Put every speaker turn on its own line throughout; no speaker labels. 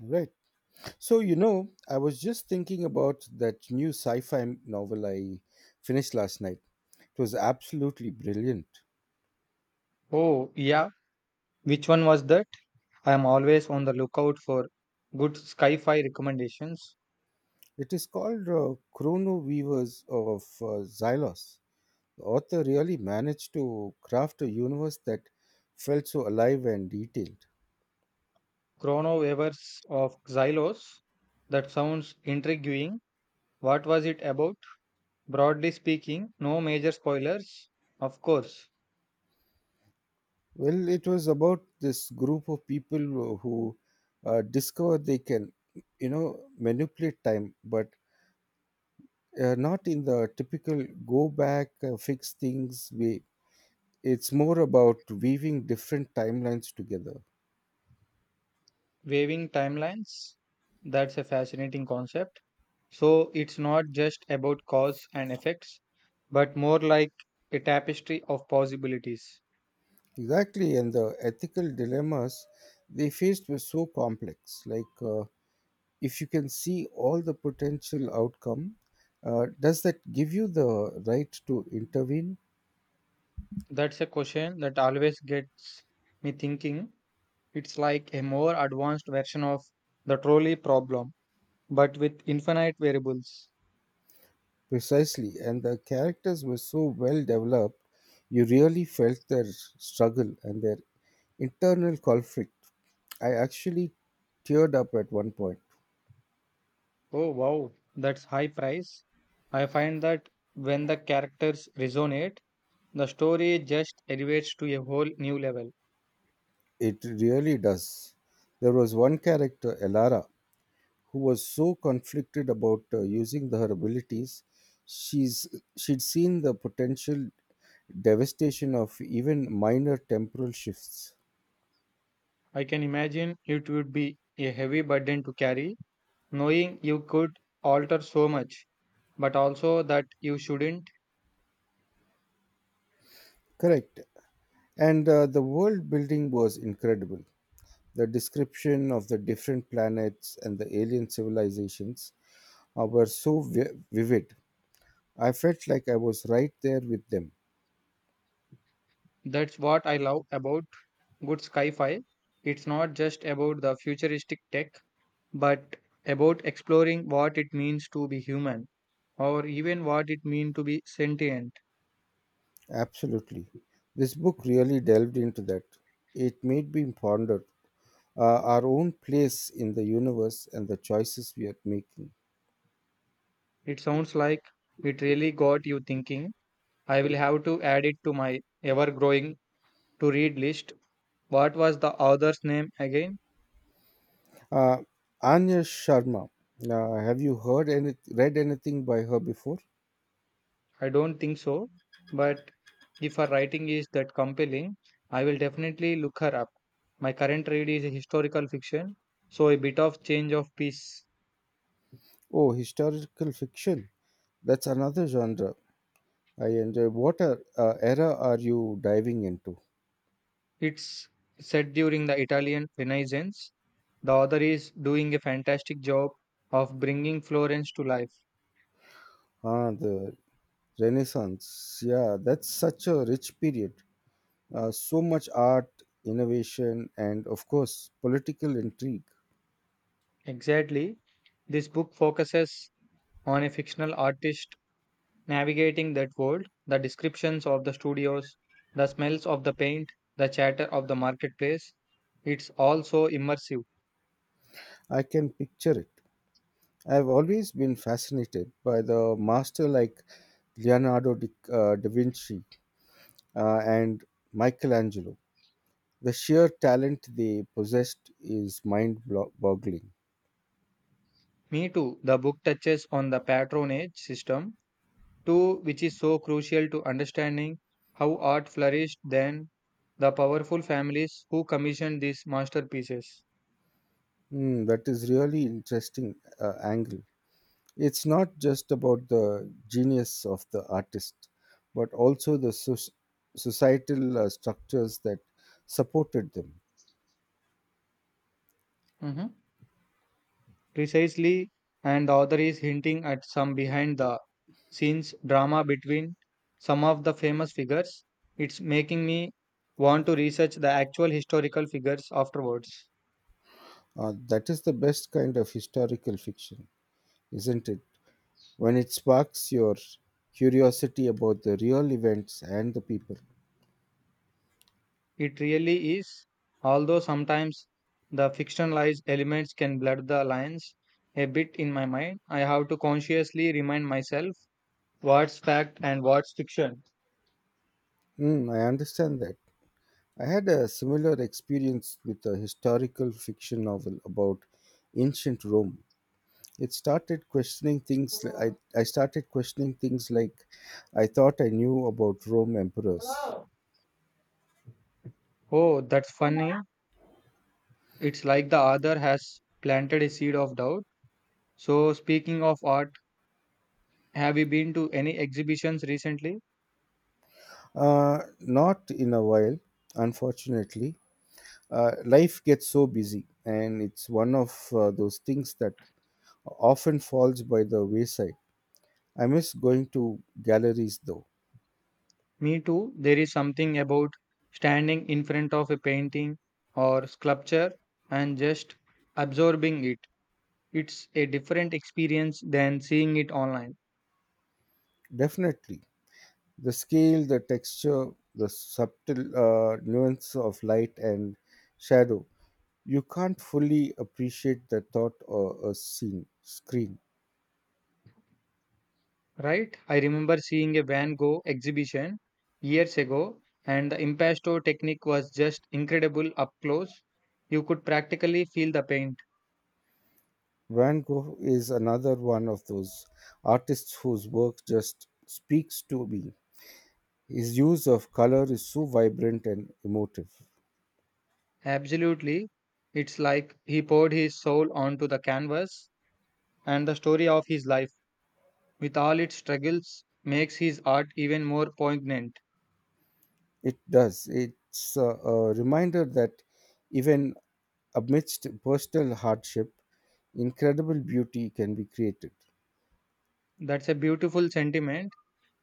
Right. So, you know, I was just thinking about that new sci fi novel I finished last night. It was absolutely brilliant.
Oh, yeah. Which one was that? I am always on the lookout for good sci-fi recommendations.
It is called Chrono Weavers of Xylos. The author really managed to craft a universe that felt so alive and detailed.
Chrono Weavers of Xylos. That sounds intriguing. What was it about? Broadly speaking, no major spoilers. Of course,
Well, it was about this group of people who discover they can, you know, manipulate time, but not in the typical go back fix things way. It's more about weaving different timelines together
waving timelines. That's a fascinating concept. So it's not just about cause and effects, but more like a tapestry of possibilities.
exactly, and the ethical dilemmas they faced were so complex. Like, if you can see all the potential outcome, does that give you the right to intervene?
That's a question that always gets me thinking. It's like a more advanced version of the trolley problem, but with infinite variables.
Precisely, and the characters were so well developed, you really felt their struggle and their internal conflict. I actually teared up at one point.
Oh wow, that's high price. I find that when the characters resonate, the story just elevates to a whole new level.
It really does. There was one character, Elara, who was so conflicted about using her abilities. She's She'd seen the potential devastation of even minor temporal shifts.
I can imagine it would be a heavy burden to carry, knowing you could alter so much, but also that you shouldn't.
Correct. And the world building was incredible. The description of the different planets and the alien civilizations were so vivid. I felt like I was right there with them.
That's what I love about good sci fi. It's not just about the futuristic tech, but about exploring what it means to be human or even what it means to be sentient.
Absolutely. This book really delved into that. It made me ponder our own place in the universe and the choices we are making.
It sounds like it really got you thinking. I will have to add it to my ever growing to read list. What was the author's name again?
Uh, Anya Sharma, have you read anything by her before?
I don't think so, but if her writing is that compelling, I will definitely look her up. My current read is historical fiction, so a bit of change of pace.
Oh, historical fiction. That's another genre I enjoy. What are, era are you diving into?
It's set during the Italian Renaissance. The author is doing a fantastic job of bringing Florence to life.
Ah, the Renaissance. Yeah, that's such a rich period. So much art, innovation, and of course, political intrigue.
Exactly. This book focuses on a fictional artist navigating that world, the descriptions of the studios, the smells of the paint, the chatter of the marketplace. It's also immersive.
I can picture it. I've always been fascinated by the master like Leonardo da Vinci and Michelangelo. The sheer talent they possessed is mind boggling.
Me too. The book touches on the patronage system, too, which is so crucial to understanding how art flourished then, the powerful families who commissioned these masterpieces.
Hmm, that is really interesting angle. It's not just about the genius of the artist, but also the societal structures that supported them.
Mhm. Precisely, and the author is hinting at some behind the scenes drama between some of the famous figures. It's making me want to research the actual historical figures afterwards.
That is the best kind of historical fiction, isn't it? When it sparks your curiosity about the real events and the people.
It really is, although sometimes the fictionalized elements can blur the lines a bit in my mind. I have to consciously remind myself what's fact and what's fiction.
Mm, I understand that. I had a similar experience with a historical fiction novel about ancient Rome. It started questioning things li- I started questioning things like I thought I knew about rome emperors.
Oh, that's funny. It's like the author has planted a seed of doubt. So, speaking of art, have you been to any exhibitions recently?
Not in a while, unfortunately. Life gets so busy, and it's one of those things that often falls by the wayside. I miss going to galleries though.
Me too. There is something about standing in front of a painting or sculpture and just absorbing it. It's a different experience than seeing it online,
Definitely. The scale, the texture, the subtle nuance of light and shadow, you can't fully appreciate the thought or a scene screen.
right? I remember seeing a Van Gogh exhibition years ago, and the impasto technique was just incredible up close. You could practically feel the paint.
Van Gogh is another one of those artists whose work just speaks to me. His use of color is so vibrant and emotive.
Absolutely. It's like he poured his soul onto the canvas, and the story of his life, with all its struggles, makes his art even more poignant.
It does. It's a reminder that even amidst personal hardship, incredible beauty can be created.
That's a beautiful sentiment.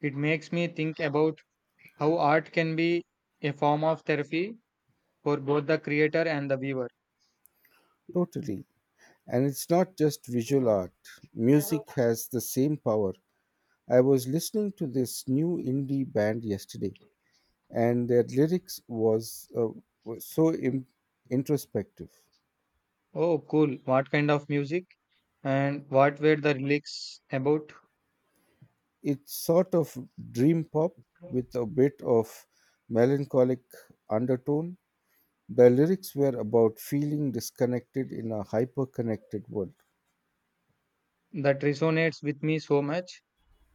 It makes me think about how art can be a form of therapy for both the creator and the viewer.
Totally. And it's not just visual art, music has the same power. I was listening to this new indie band yesterday, and their lyrics was so introspective.
Oh, cool. What kind of music and what were the lyrics about
It's sort of dream pop with a bit of melancholic undertone. The lyrics were about feeling disconnected in a hyper connected world.
that resonates with me so much?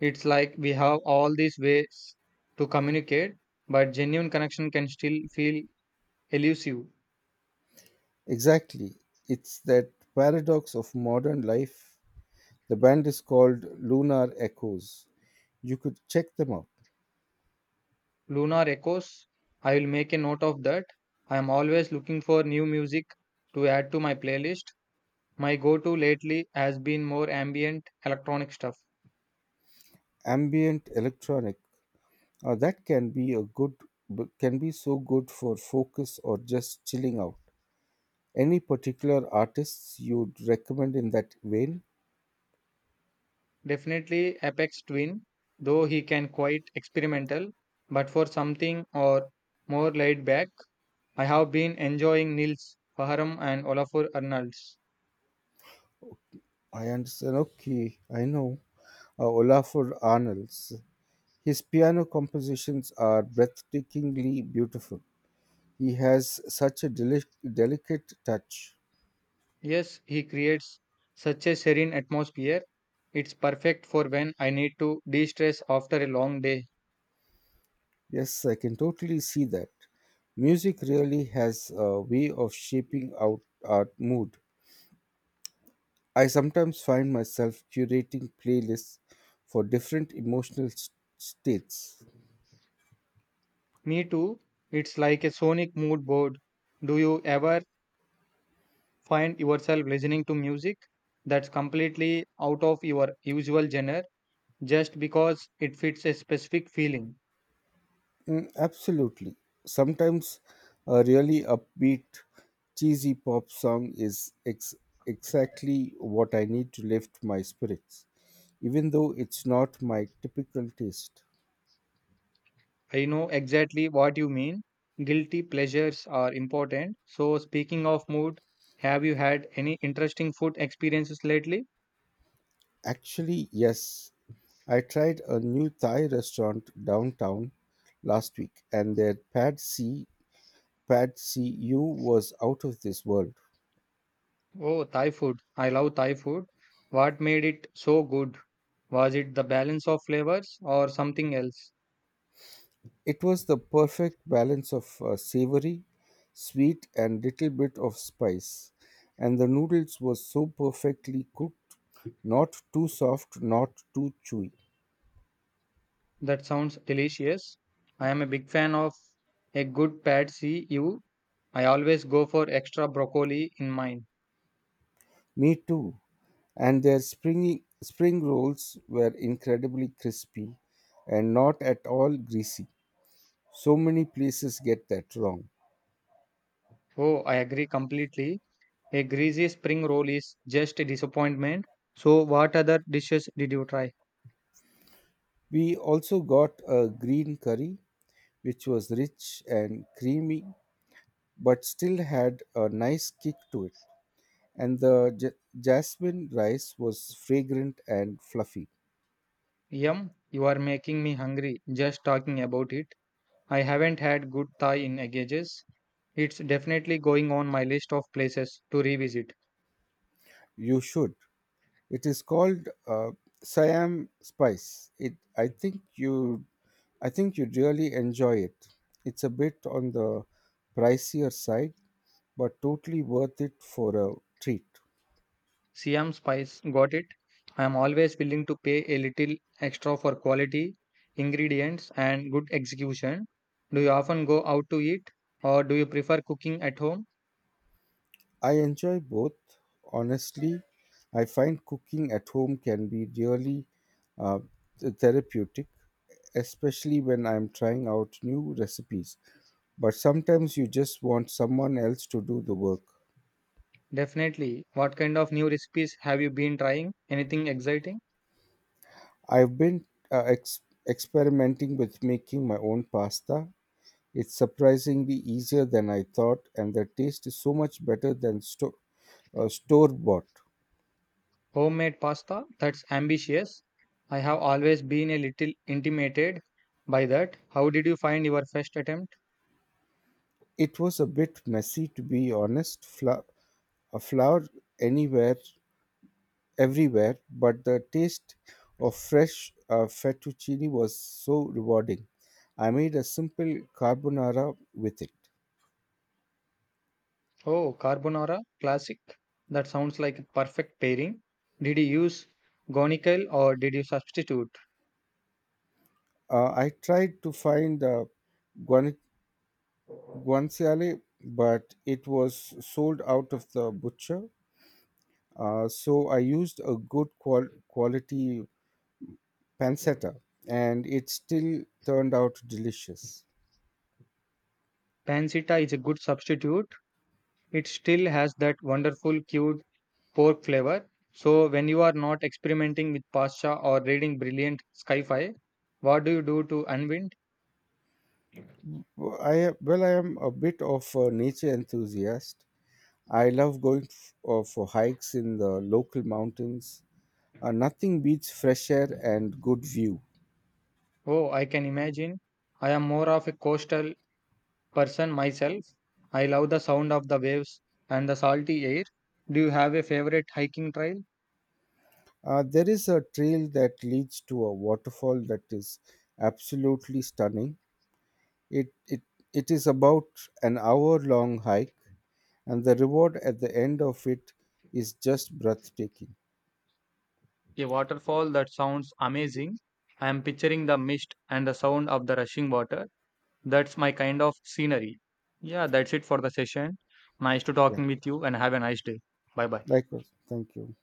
It's like we have all these ways to communicate, but genuine connection can still feel elusive.
Exactly. It's that paradox of modern life. The band is called Lunar Echoes. You could check them out.
Lunar Echoes. I will make a note of that. I am always looking for new music to add to my playlist. My go to lately has been more ambient electronic stuff.
Ambient electronic, that can be a good can be so good for focus or just chilling out. Any particular artists you'd recommend in that vein?
Definitely Apex Twin, though he can quite experimental, but for something or more laid back, I have been enjoying Nils Faharam and Olafur Arnalds.
I understand. Okay, I know. Olafur Arnalds. His piano compositions are breathtakingly beautiful. He has such a delicate touch.
Yes, he creates such a serene atmosphere. It's perfect for when I need to de stress after a long day.
Yes, I can totally see that. Music really has a way of shaping out our mood. I sometimes find myself curating playlists for different emotional states.
Me too. It's like a sonic mood board. Do you ever find yourself listening to music that's completely out of your usual genre just because it fits a specific feeling?
Mm, absolutely. Sometimes a really upbeat, cheesy pop song is exactly what I need to lift my spirits, even though it's not my typical taste.
I know exactly what you mean. Guilty pleasures are important. So, speaking of mood, have you had any interesting food experiences lately?
Actually, yes. I tried a new Thai restaurant downtown last week, and their pad see ew was out of this world.
Oh, Thai food. I love Thai food. What made it so good? Was it the balance of flavors or something else?
It was the perfect balance of savory, sweet, and little bit of spice, and the noodles were so perfectly cooked, not too soft, not too chewy.
That sounds delicious. I am a big fan of a good pad see ew. I always go for extra broccoli in mine.
Me too. And their spring rolls were incredibly crispy, and not at all greasy. So many places get that wrong.
Oh, I agree completely. A greasy spring roll is just a disappointment. So, what other dishes did you try?
We also got a green curry, which was rich and creamy, but still had a nice kick to it. And the jasmine rice was fragrant and fluffy.
Yum, you are making me hungry just talking about it. I haven't had good Thai in ages. It's definitely going on my list of places to revisit.
You should. It is called Siam spice. It. I think you'd really enjoy it. It's a bit on the pricier side, but totally worth it for a treat.
Siam Spice, got it. I am always willing to pay a little extra for quality, ingredients, and good execution. Do you often go out to eat or do you prefer cooking at home?
I enjoy both. Honestly, I find cooking at home can be really uh, therapeutic, especially when I'm trying out new recipes. But sometimes you just want someone else to do the work.
Definitely. What kind of new recipes have you been trying? Anything exciting?
I've been uh, ex- experimenting with making my own pasta. It's surprisingly easier than I thought, and the taste is so much better than store bought.
Homemade pasta? That's ambitious. I have always been a little intimidated by that. How did you find your first attempt?
It was a bit messy to be honest. A flower anywhere, everywhere, but the taste of fresh fettuccine was so rewarding. I made a simple carbonara with it.
Oh, carbonara, classic. That sounds like a perfect pairing. Did you use gonical or did you substitute?
I tried to find the guan- guanciale, but it was sold out of the butcher. So I used a good quality pancetta, and it still turned out delicious.
Pancetta is a good substitute. It still has that wonderful cute pork flavor. So when you are not experimenting with pasta or reading brilliant sci-fi, what do you do to unwind?
Well, I am a bit of a nature enthusiast. I love going for hikes in the local mountains. Nothing beats fresh air and good view.
Oh, I can imagine. I am more of a coastal person myself. I love the sound of the waves and the salty air. Do you have a favorite hiking trail?
There is a trail that leads to a waterfall that is absolutely stunning. It, it, it is about an hour long hike, and the reward at the end of it is just breathtaking.
A waterfall that sounds amazing. I am picturing the mist and the sound of the rushing water. That's my kind of scenery. Yeah, that's it for the session. Nice to
Yeah,
talking with you and have a nice day. Bye bye.
likewise. Thank you.